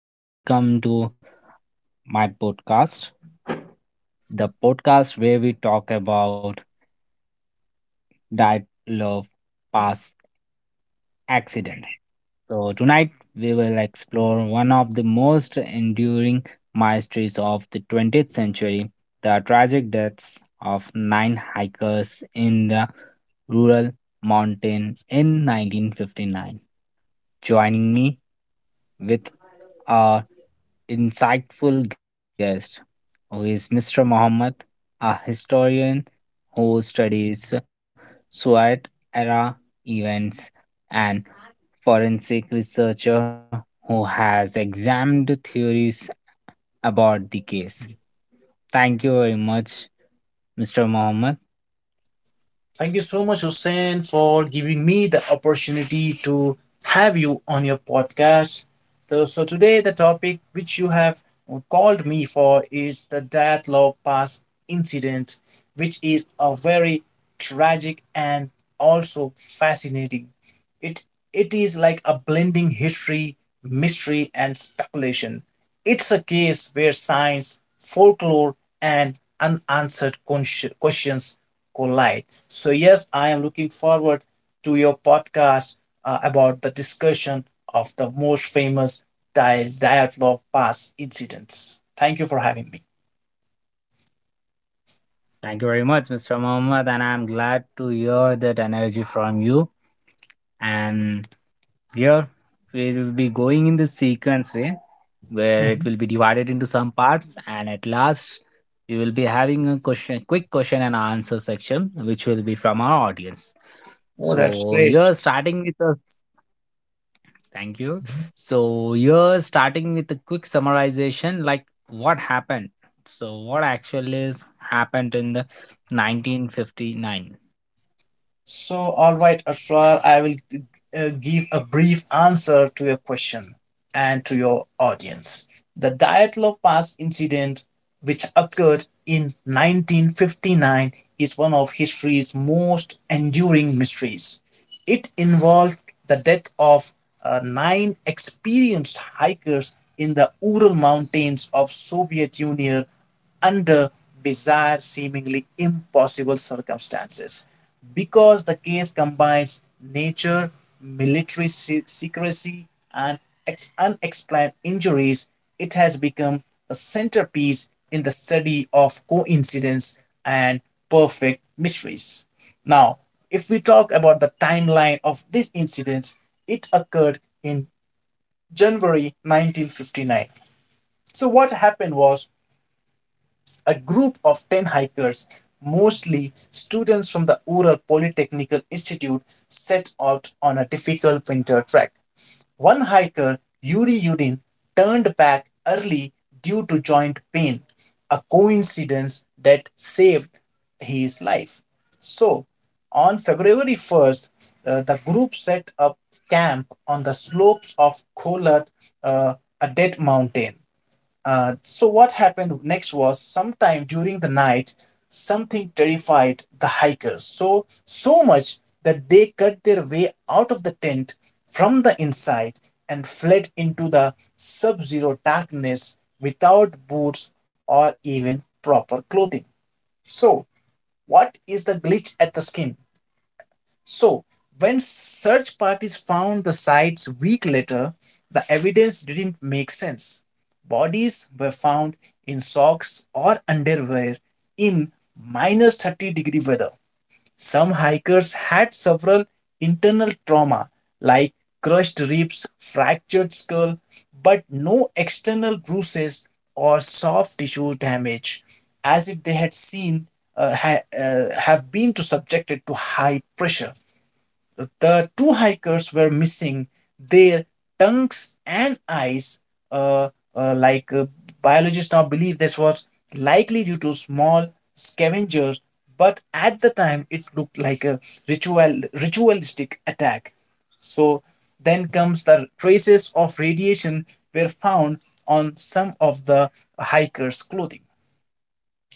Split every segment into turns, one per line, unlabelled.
and welcome to my podcast, the podcast where we talk about diet, love, past, accident. So tonight we will explore one of the most enduring mysteries of the 20th century, the tragic deaths of nine hikers in the rural mountain in 1959. Joining me with a insightful guest, who is Mr. Muhammad, a historian who studies Swiat era events, and forensic researcher who has examined theories about the case. Thank you very much, Mr. Muhammad.
Thank you so much, Hussein, for giving me the opportunity to have you on your podcast. So today, the topic which you have called me for is the Love Pass incident, which is a very tragic and also fascinating. It it is like a blending history, mystery, and speculation. It's a case where science, folklore, and unanswered questions collide. So, yes, I am looking forward to your podcast about the discussion of the most famous Dyatlov Pass incidents. Thank you for having me.
Thank you very much, Mr. Muhammad, and I'm glad to hear that energy from you. And here we will be going in the sequence way, where it
Mhm.
will be divided into some parts, and at last we will be having a question quick question and answer section which will be from our audience.
Oh, that's
so
great.
you're starting with a thank you so you're starting with a quick summarization, like what happened. So what actually is happened in the 1959.
So, all right, Asrar, I will give a brief answer to your question and to your audience. The Dyatlov Pass incident, which occurred in 1959, is one of history's most enduring mysteries. It involved the death of nine experienced hikers in the Ural Mountains of Soviet Union under bizarre, seemingly impossible circumstances. Because the case combines nature, military secrecy, and unexplained injuries, it has become a centerpiece in the study of coincidence and perfect mysteries. Now, if we talk about the timeline of this incident, it occurred in January 1959. So, what happened was a group of 10 hikers, mostly students from the Ural Polytechnical Institute, set out on a difficult winter trek. One hiker, Yuri Yudin, turned back early due to joint pain, a coincidence that saved his life. So, on February 1st, the group set up camp on the slopes of Kolat, uh, a dead mountain. So what happened next was, sometime during the night, something terrified the hikers so much that they cut their way out of the tent from the inside and fled into the sub-zero darkness without boots or even proper clothing. So what is the glitch at the skin? So, when search parties found the sites week later, the evidence didn't make sense. Bodies were found in socks or underwear in minus 30 degree weather. Some hikers had several internal trauma like crushed ribs, fractured skull, but no external bruises or soft tissue damage, as if they had seen have been to subjected to high pressure. The two hikers were missing their tongues and eyes. Uh, uh, like uh, Biologists now believe this was likely due to small scavengers, but at the time it looked like a ritualistic attack. So then comes the traces of radiation were found on some of the hikers' clothing.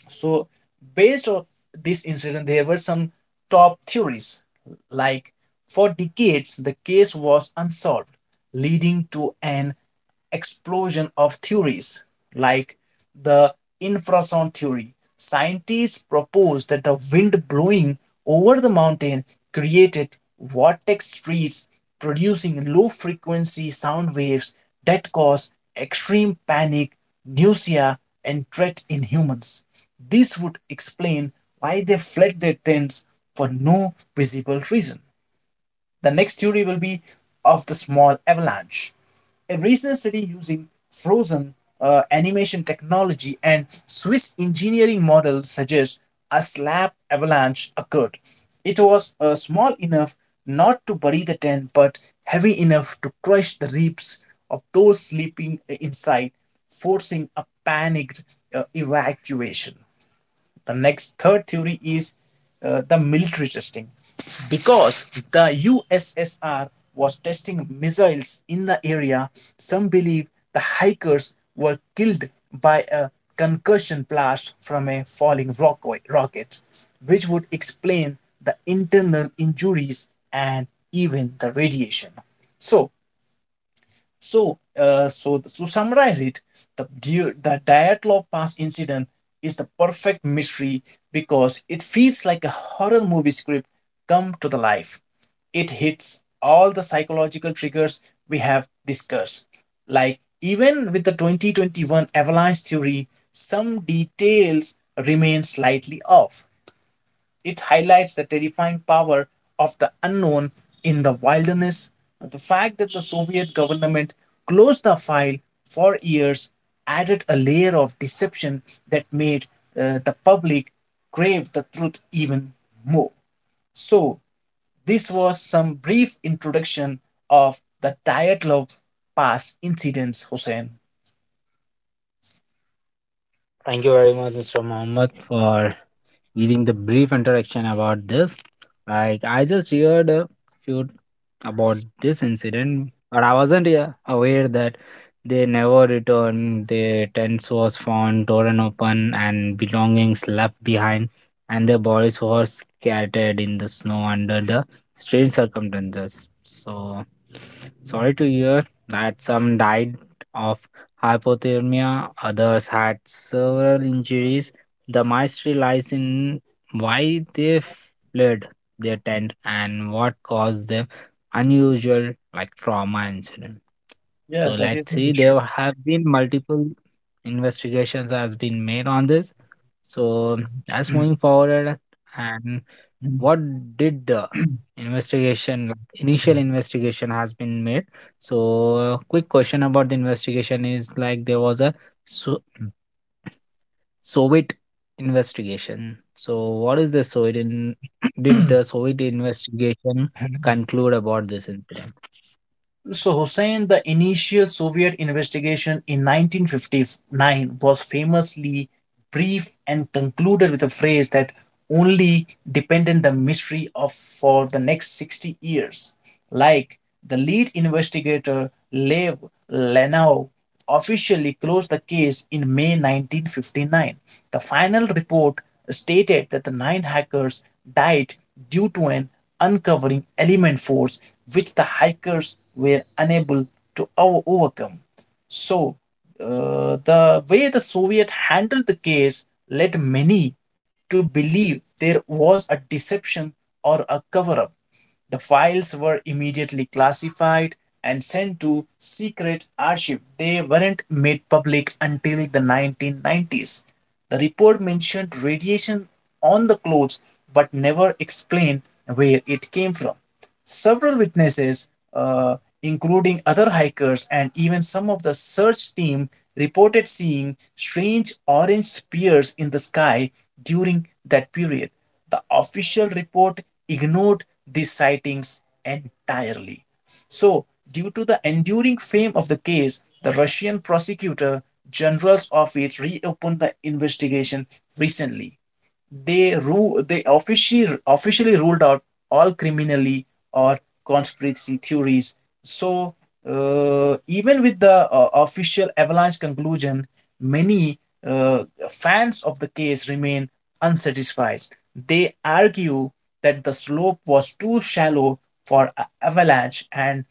So, based on this incident, there were some top theories. Like, for decades, the case was unsolved, leading to an explosion of theories like the infrasound theory. Scientists proposed that the wind blowing over the mountain created vortex streets producing low frequency sound waves that cause extreme panic, nausea, and dread in humans. This would explain why they fled their tents for no visible reason. The next theory will be of the small avalanche. A recent study using frozen animation technology and Swiss engineering model suggests a slab avalanche occurred. It was small enough not to bury the tent, but heavy enough to crush the ribs of those sleeping inside, forcing a panicked evacuation. The next third theory is the military testing, because the USSR was testing missiles in the area. Some believe the hikers were killed by a concussion blast from a rocket, which would explain the internal injuries and even the radiation. So so, uh, so to summarize it, the the Dyatlov Pass incident is the perfect mystery because it feels like a horror movie script come to the life. It hits all the psychological triggers we have discussed. Like, even with the 2021 avalanche theory, some details remain slightly off. It highlights the terrifying power of the unknown in the wilderness. The fact that the Soviet government closed the file for years added a layer of deception that made the public crave the truth even more. So, this was some brief introduction of the Dyatlov Pass incidents, Hussein.
Thank you very much, Mr. Mohammed, for giving the brief introduction about this. Like, I just heard a few about this incident, but I wasn't aware that they never returned. Their tents was found torn open and belongings left behind, and their bodies were scattered in the snow under the strange circumstances. So sorry to hear that some died of hypothermia, others had several injuries. The mystery lies in why they fled their tent and what caused them unusual like trauma incident. So
Yes, that is
let's
the
see.
history.
There have been multiple investigations has been made on this. So that's moving forward. And what did the investigation, like, initial investigation, has been made? So quick question about the investigation is like there was a so Soviet investigation. So, what is the Soviet? Did the Soviet investigation conclude about this incident?
So, Hussein, the initial Soviet investigation in 1959 was famously brief and concluded with a phrase that only depended the mystery of for the next 60 years. Like, the lead investigator Lev Lenau officially closed the case in May 1959. The final report stated that the nine hackers died due to an uncovering element force which the hackers were unable to overcome. So, the way the Soviet handled the case led many to believe there was a deception or a cover up. The files were immediately classified and sent to secret archive. They weren't made public until the 1990s. The report mentioned radiation on the clothes but never explained where it came from. Several witnesses, including other hikers and even some of the search team, reported seeing strange orange spears in the sky during that period. The official report ignored these sightings entirely. So, due to the enduring fame of the case, the Russian prosecutor general's office reopened the investigation recently. They rule they officially ruled out all criminally or conspiracy theories. So even with the official avalanche conclusion, many uh, fans of the case remain unsatisfied. They argue that the slope was too shallow for avalanche and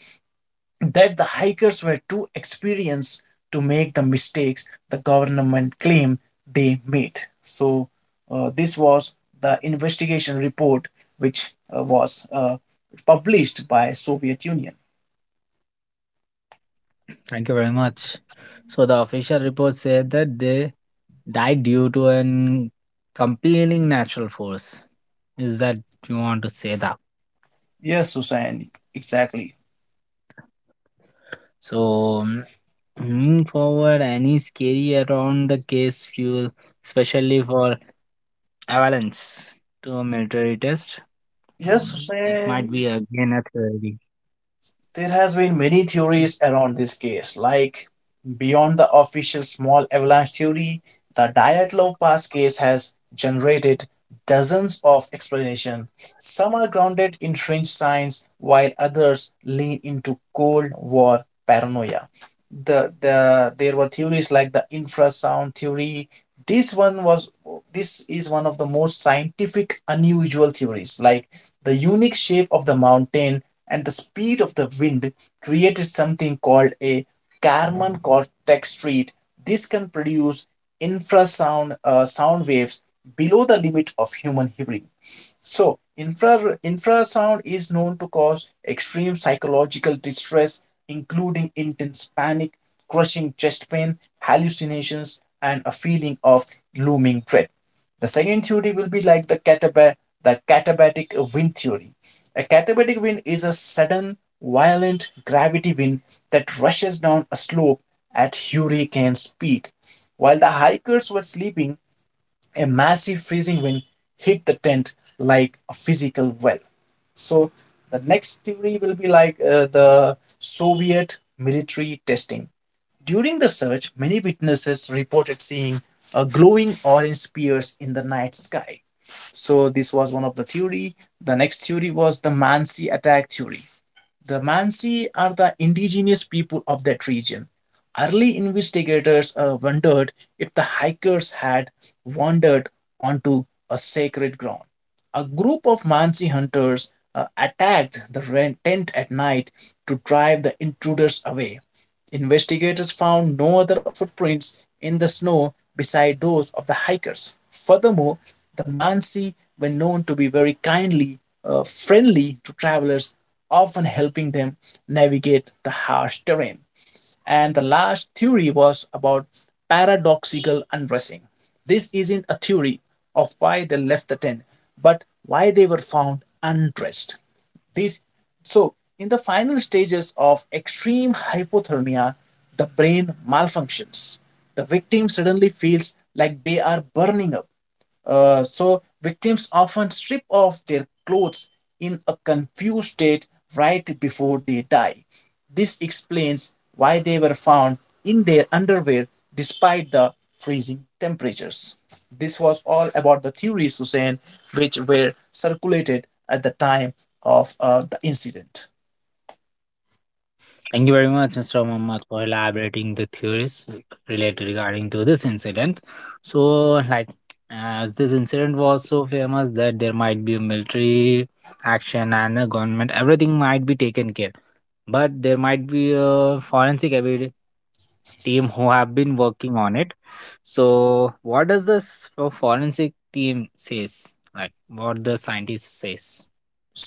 that the hikers were too experienced to make the mistakes the government claimed they made. So, this was the investigation report which was published by Soviet Union.
Thank you very much. So, the official report said that they died due to an compelling natural force. Is that you want to say that?
Yes, Hussein, exactly.
So, moving forward, any scary around the case fuel, especially for avalanche to a military test?
Yes,
That might
Hussein,
be again a theory.
there has been many theories around this case. Like, beyond the official small avalanche theory, the Dyatlov Pass case has generated dozens of explanations. Some are grounded in fringe science while others lean into cold war paranoia. There were theories like the infrasound theory. this one was this is one of the most scientific unusual theories. Like, the unique shape of the mountain and the speed of the wind created something called a Kármán cortex street. This can produce infrasound sound waves below the limit of human hearing. So, infrasound is known to cause extreme psychological distress, including intense panic, crushing chest pain, hallucinations, and a feeling of looming dread. The second theory will be like the the katabatic wind theory. A katabatic wind is a sudden, violent gravity wind that rushes down a slope at hurricane speed. While the hikers were sleeping, a massive freezing wind hit the tent like a physical well. So the next theory will be like the Soviet military testing. During the search, many witnesses reported seeing a glowing orange spears in the night sky. So this was one of the theory. The next theory was the Mansi attack theory. The Mansi are the indigenous people of that region. Early investigators wondered if the hikers had wandered onto a sacred ground. A group of Mansi hunters attacked the tent at night to drive the intruders away. Investigators found no other footprints in the snow beside those of the hikers. Furthermore, the Mansi were known to be very kindly, friendly to travelers, often helping them navigate the harsh terrain. And the last theory was about paradoxical undressing. This isn't a theory of why they left the tent, but why they were found undressed. This so, in the final stages of extreme hypothermia, the brain malfunctions. The victim suddenly feels like they are burning up. So victims often strip off their clothes in a confused state right before they die. This explains why they were found in their underwear despite the freezing temperatures. This was all about the theories, Hussein, which were circulated at the time of the incident.
Thank you very much, Mr. Muhammad, for elaborating the theories related regarding to this incident. So, like, as this incident was so famous that there might be a military action and a government, everything might be taken care. But there might be a forensic evidence team who have been working on it. So, what does this forensic team says? Like, what the scientist says?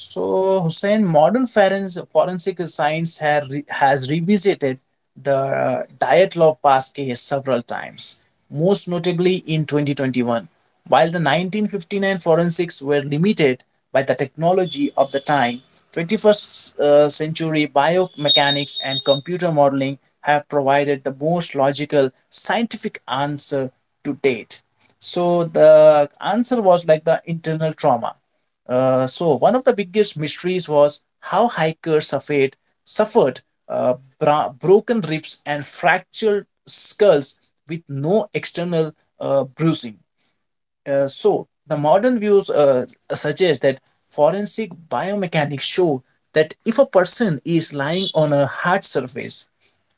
So, Hussein, modern forensic science has revisited the Dyatlov Pass case several times, most notably in 2021. While the 1959 forensics were limited by the technology of the time, 21st century biomechanics and computer modeling have provided the most logical scientific answer to date. So, the answer was like the internal trauma. So one of the biggest mysteries was how hikers suffered broken ribs and fractured skulls with no external bruising. The modern views suggest that forensic biomechanics show that if a person is lying on a hard surface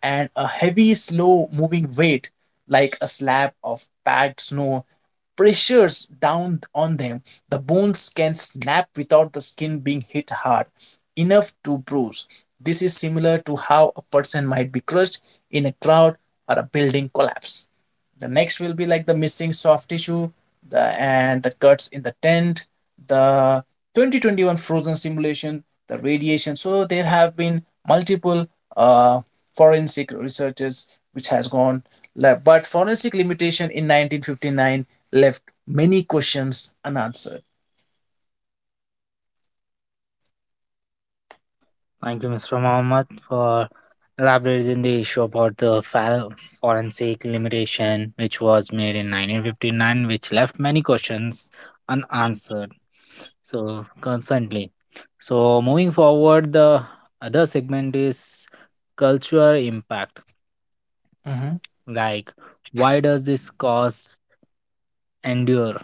and a heavy, slow moving weight, like a slab of packed snow, pressures down on them, the bones can snap without the skin being hit hard enough to bruise. This is similar to how a person might be crushed in a crowd or a building collapse. The next will be like the missing soft tissue, the and the cuts in the tent, the 2021 frozen simulation, the radiation. So there have been multiple uh, forensic researchers which has but forensic limitation in 1959 left many questions unanswered.
Thank you, Mr. Mohammed, for elaborating the issue about the forensic limitation, which was made in 1959, which left many questions unanswered. So, constantly. So, moving forward, the other segment is cultural impact.
Mhm.
Like, why does this cause endure?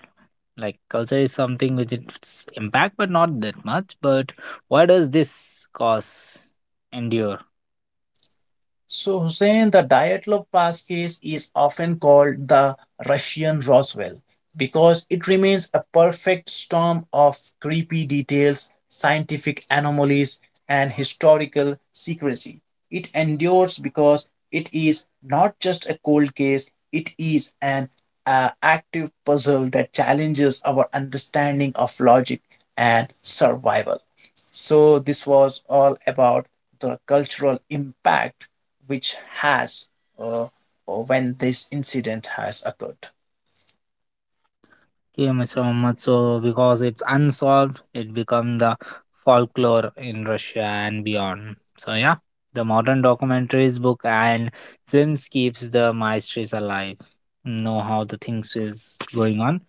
Like, culture is something with its impact, but not that much. But why does this cause endure?
So, Hussein, the Dyatlov Pass case is often called the Russian Roswell because it remains a perfect storm of creepy details, scientific anomalies, and historical secrecy. It endures because it is not just a cold case, it is an active puzzle that challenges our understanding of logic and survival. So, this was all about the cultural impact which has uh, when this incident has occurred.
Okay, Mr. Muhammad. So, because it's unsolved, it become the folklore in Russia and beyond. So, yeah, the modern documentaries, book, and films keeps the mysteries alive. Know how the things is going on.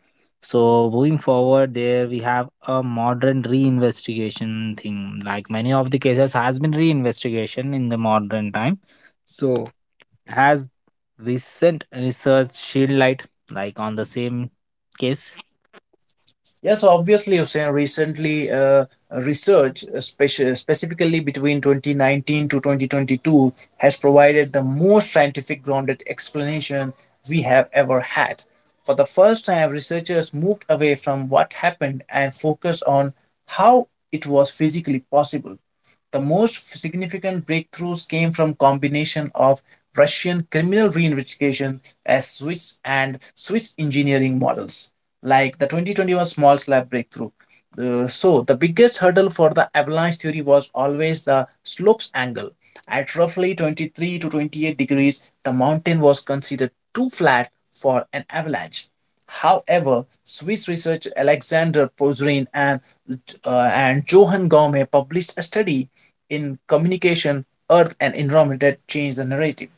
So, moving forward, there we have a modern reinvestigation thing. Like, many of the cases has been reinvestigation in the modern time. So, has recent research shed light like on the same case?
Yes, obviously, Hussein, recently research, especially specifically between 2019 to 2022, has provided the most scientific grounded explanation we have ever had. For the first time, researchers moved away from what happened and focused on how it was physically possible. The most significant breakthroughs came from combination of Russian criminal reinvestigation as Swiss engineering models like the 2021 small slab breakthrough. So, the biggest hurdle for the avalanche theory was always the slope's angle. At roughly 23 to 28 degrees, the mountain was considered too flat for an avalanche. However, Swiss researcher Alexander Pozrin and Johann Gaume published a study in Communication, Earth and Environment that changed the narrative,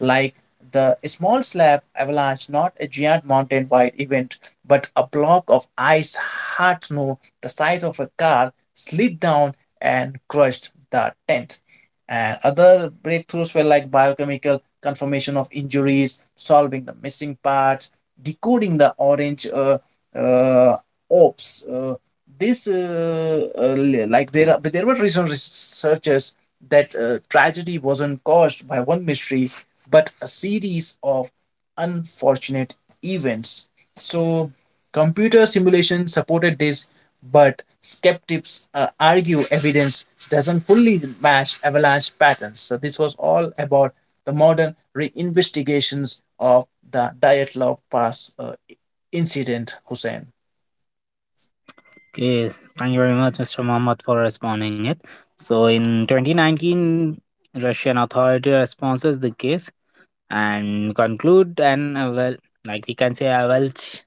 like the small slab avalanche, not a giant mountain wide event, but a block of ice, hard snow, the size of a car, slid down and crushed the tent. And other breakthroughs were like biochemical confirmation of injuries, solving the missing parts, decoding the orange uh, orbs, this like there are there were recent researchers that tragedy wasn't caused by one mystery but a series of unfortunate events. So computer simulation supported this, but skeptics argue evidence doesn't fully match avalanche patterns. So this was all about the modern re-investigations of the Dyatlov Pass incident, Hussein.
Okay, thank you very much, Mr. Mohammed, for responding it. So in 2019, Russian authority responses the case and conclude and well, like we can say, Avelch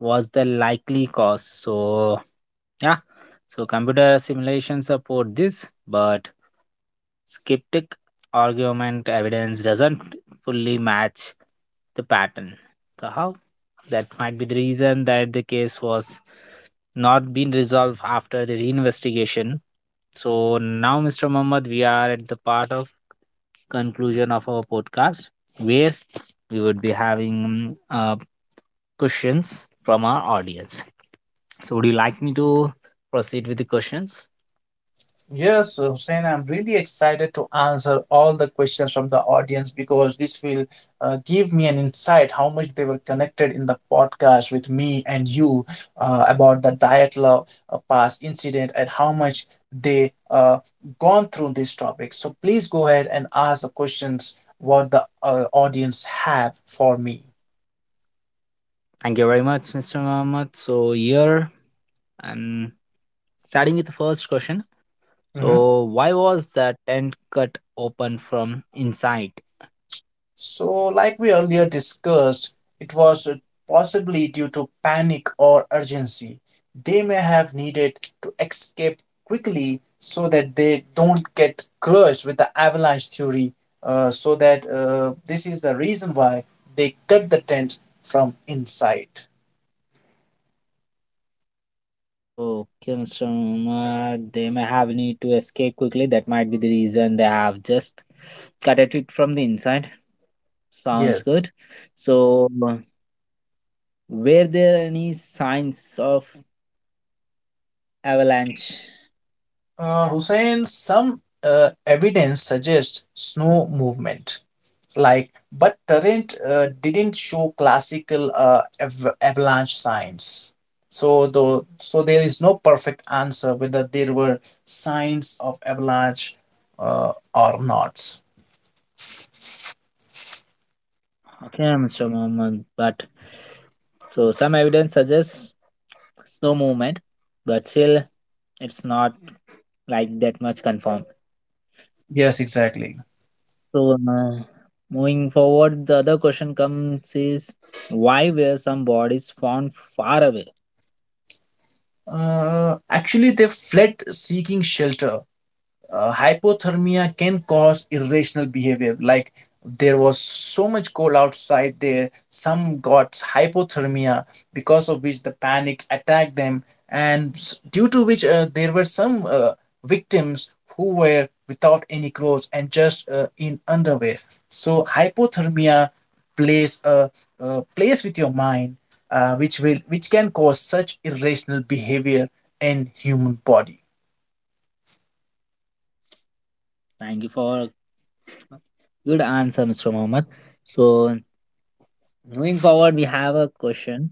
was the likely cause. So yeah, so computer simulations support this, but skeptic argument evidence doesn't fully match the pattern. So how? That might be the reason that the case was not been resolved after the reinvestigation. So now, Mr. Mohammed, we are at the part of conclusion of our podcast, where we would be having questions from our audience. So, would you like me to proceed with the questions?
Yes, Hussein, I'm really excited to answer all the questions from the audience because this will give me an insight how much they were connected in the podcast with me and you about the diet love past incident and how much they gone through this topic. So please go ahead and ask the questions what the audience have for me.
Thank you very much, Mr. Mohammed. So, here. And starting with the first question.
Mhm.
So, why was the tent cut open from inside?
So, like we earlier discussed, it was possibly due to panic or urgency. They may have needed to escape quickly so that they don't get crushed with the avalanche theory. So that this is the reason why they cut the tent from inside.
So, okay, Mr. Umar, they may have need to escape quickly. That might be the reason they have just cut at it from the inside. Sounds
Yes.
good. So, were there any signs of avalanche?
Hussein, some evidence suggests snow movement, like, but torrent didn't show classical avalanche signs. So there is no perfect answer whether there were signs of avalanche or not.
Okay, Mr. Muhammad, but so some evidence suggests snow movement, but still, it's not right, that much confirmed.
Yes, exactly.
So, moving forward, the other question comes is, why were some bodies found far away?
Actually, they fled seeking shelter. Hypothermia can cause irrational behavior. Like, there was so much cold outside there, some got hypothermia because of which the panic attacked them, due to which there were some victims who were without any clothes and just in underwear. So hypothermia plays a plays with your mind, which will which can cause such irrational behavior in human body.
Thank you for good answer, Mr. Mohammed. So, moving forward, we have a question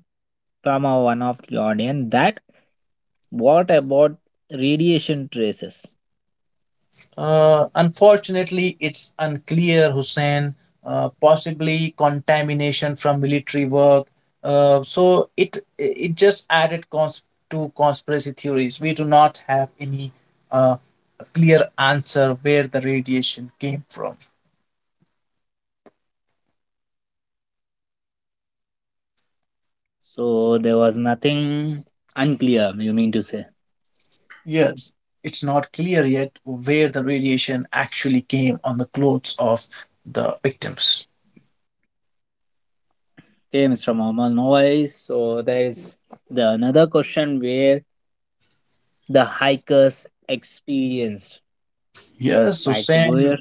from our one of the audience, that what about radiation traces?
Unfortunately, it's unclear, Hussein. Possibly contamination from military work. So it just added to conspiracy theories. We do not have any uh, clear answer where the radiation came from.
So, there was nothing unclear, you mean to say.
Yes, it's not clear yet where the radiation actually came on the clothes of the victims.
Okay, Mr. Mohammed, no worries. So, there is the another question where the hikers experienced.
Yes,
Like,
Hussein.
where,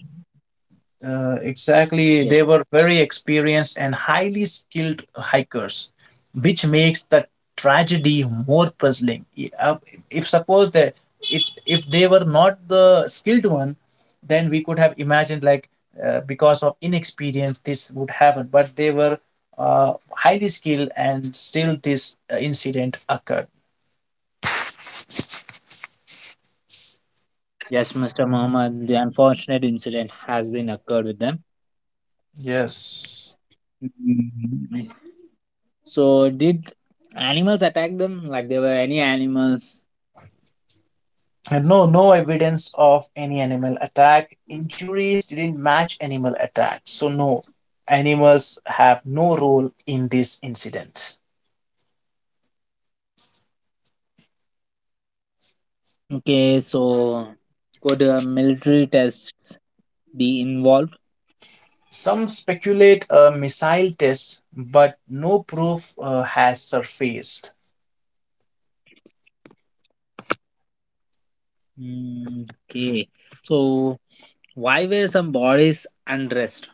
Exactly.
yes.
They were very experienced and highly skilled hikers, which makes the tragedy more puzzling. If suppose that if they were not the skilled one, then we could have imagined, like, because of inexperience this would happen. But they were uh, highly skilled, and still this incident occurred.
Yes, Mr. Muhammad, the unfortunate incident has been occurred with them.
Yes.
Mm, so did animals attack them? Like, there were any animals?
And no, no evidence of any animal attack. Injuries didn't match animal attacks. So, no, animals have no role in this incident.
Okay, so could military tests be involved?
Some speculate a missile test, but no proof has surfaced.
Mm, okay, so why were some bodies undressed?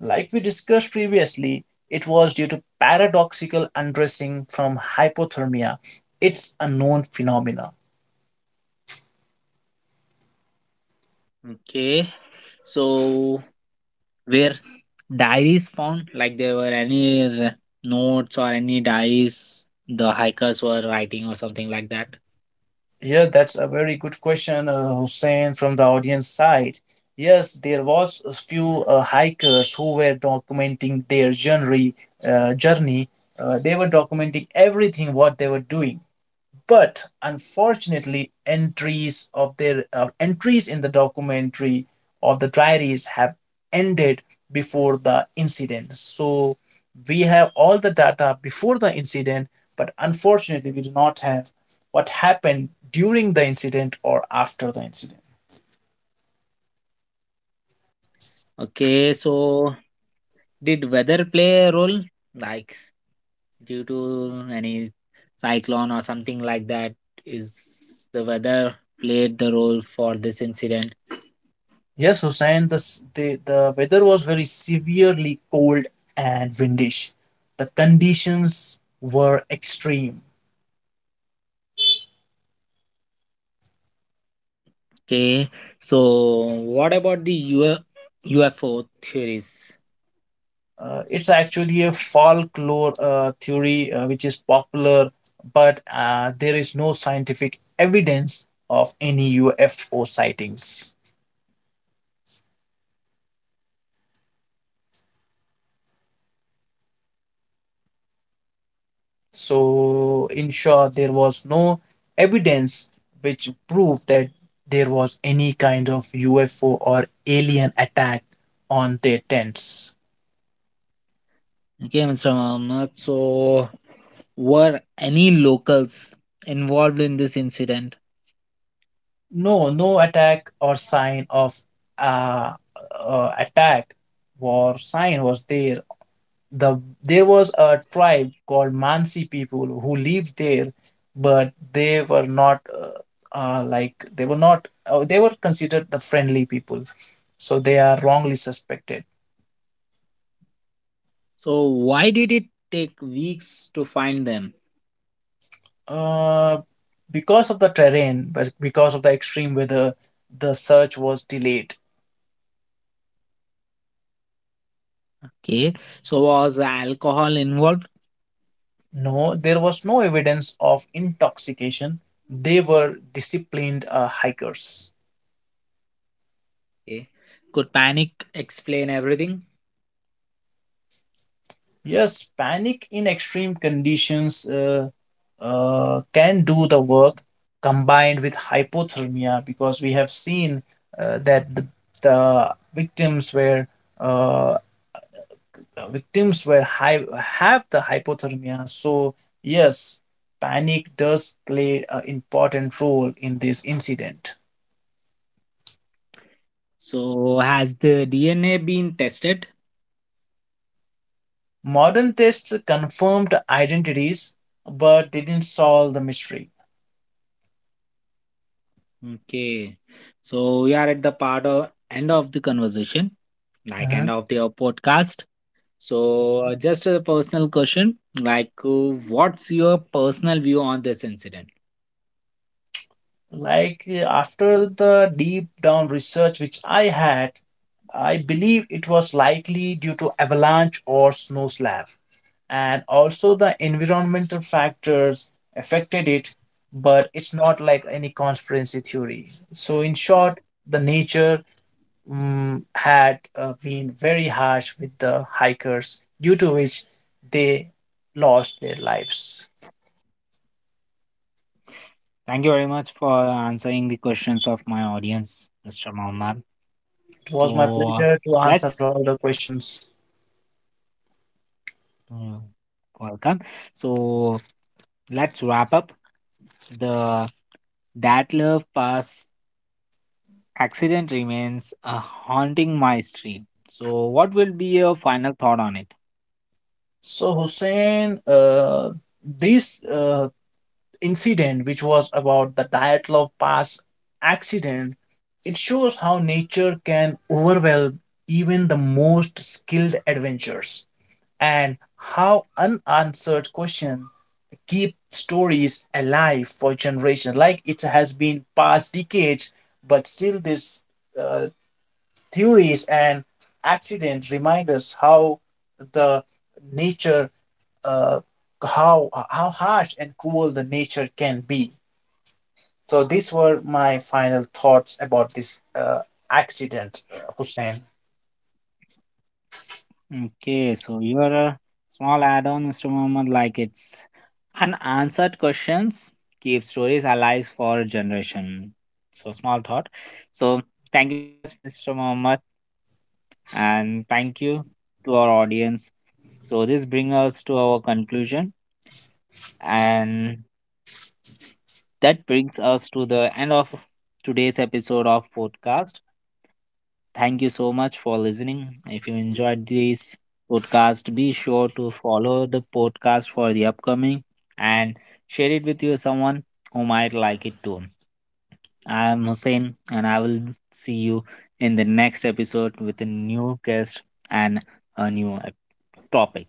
Like we discussed previously, it was due to paradoxical undressing from hypothermia. It's a known phenomena.
Okay, so were diaries found, like there were any notes or any diaries the hikers were writing or something like that?
Yeah, that's a very good question, Hussein, from the audience side. Yes, there was a few hikers who were documenting their journey. They were documenting everything what they were doing, but unfortunately entries of their entries in the documentary of the diaries have ended before the incident. So we have all the data before the incident, but unfortunately we do not have what happened during the incident or after the incident.
Okay, so did weather play a role, like due to any cyclone or something like that, is the weather played the role for this incident?
Yes, Hussain, the weather was very severely cold and windish. The conditions were extreme.
Okay, so what about the UFO theories?
It's actually a folklore theory which is popular, but there is no scientific evidence of any UFO sightings. So, in short, there was no evidence which proved that there was any kind of UFO or alien attack on their tents.
Okay, Mr. Mohammed, so were any locals involved in this incident?
No, no attack or sign of uh, attack or sign was there. There was a tribe called Mansi people who lived there, but they were not they were considered the friendly people, so they are wrongly suspected.
So why did it take weeks to find them?
Uh, because of the terrain, because of the extreme weather, the search was delayed.
Okay. So was alcohol involved?
No, there was no evidence of intoxication. They were disciplined hikers.
Okay. Could panic explain everything?
Yes, panic in extreme conditions can do the work combined with hypothermia, because we have seen that the uh, victims were high have the hypothermia. So yes, panic does play an important role in this incident.
So has the DNA been tested?
Modern tests confirmed identities but didn't solve the mystery.
Okay. So we are at the part of end of the conversation, like
Mm-hmm.
end of the podcast. So just a personal question, like what's your personal view on this incident?
Like, after the deep down research which I had, I believe it was likely due to avalanche or snow slab, and also the environmental factors affected it, but it's not like any conspiracy theory. So, in short, the nature had been very harsh with the hikers, due to which they lost their lives.
Thank you very much for answering the questions of my audience, Mr. Mohammed.
It was my
So
pleasure to answer
let's,
all the questions.
mm, welcome. So let's wrap up. The Datler Pass accident remains a haunting mystery. So what will be your final thought on it?
So Hussein, this incident, which was about the Dyatlov Pass accident, it shows how nature can overwhelm even the most skilled adventurers, and how unanswered questions keep stories alive for generations. Like, it has been past decades, but still these uh, theories and accidents remind us how the nature uh, how harsh and cruel the nature can be. So these were my final thoughts about this accident, Hussein.
Okay, so you're a small add-on, Mr. Mohammed, like, it's unanswered questions keep stories alive for a generation. So small thought. So thank you very much, Mr. Mohammed, and thank you to our audience. So this brings us to our conclusion, and that brings us to the end of today's episode of podcast. Thank you so much for listening. If you enjoyed this podcast, be sure to follow the podcast for the upcoming, and share it with you someone who might like it too. I am Hussein, and I will see you in the next episode with a new guest and a new topic.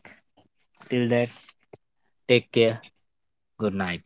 Till then, take care. Good night.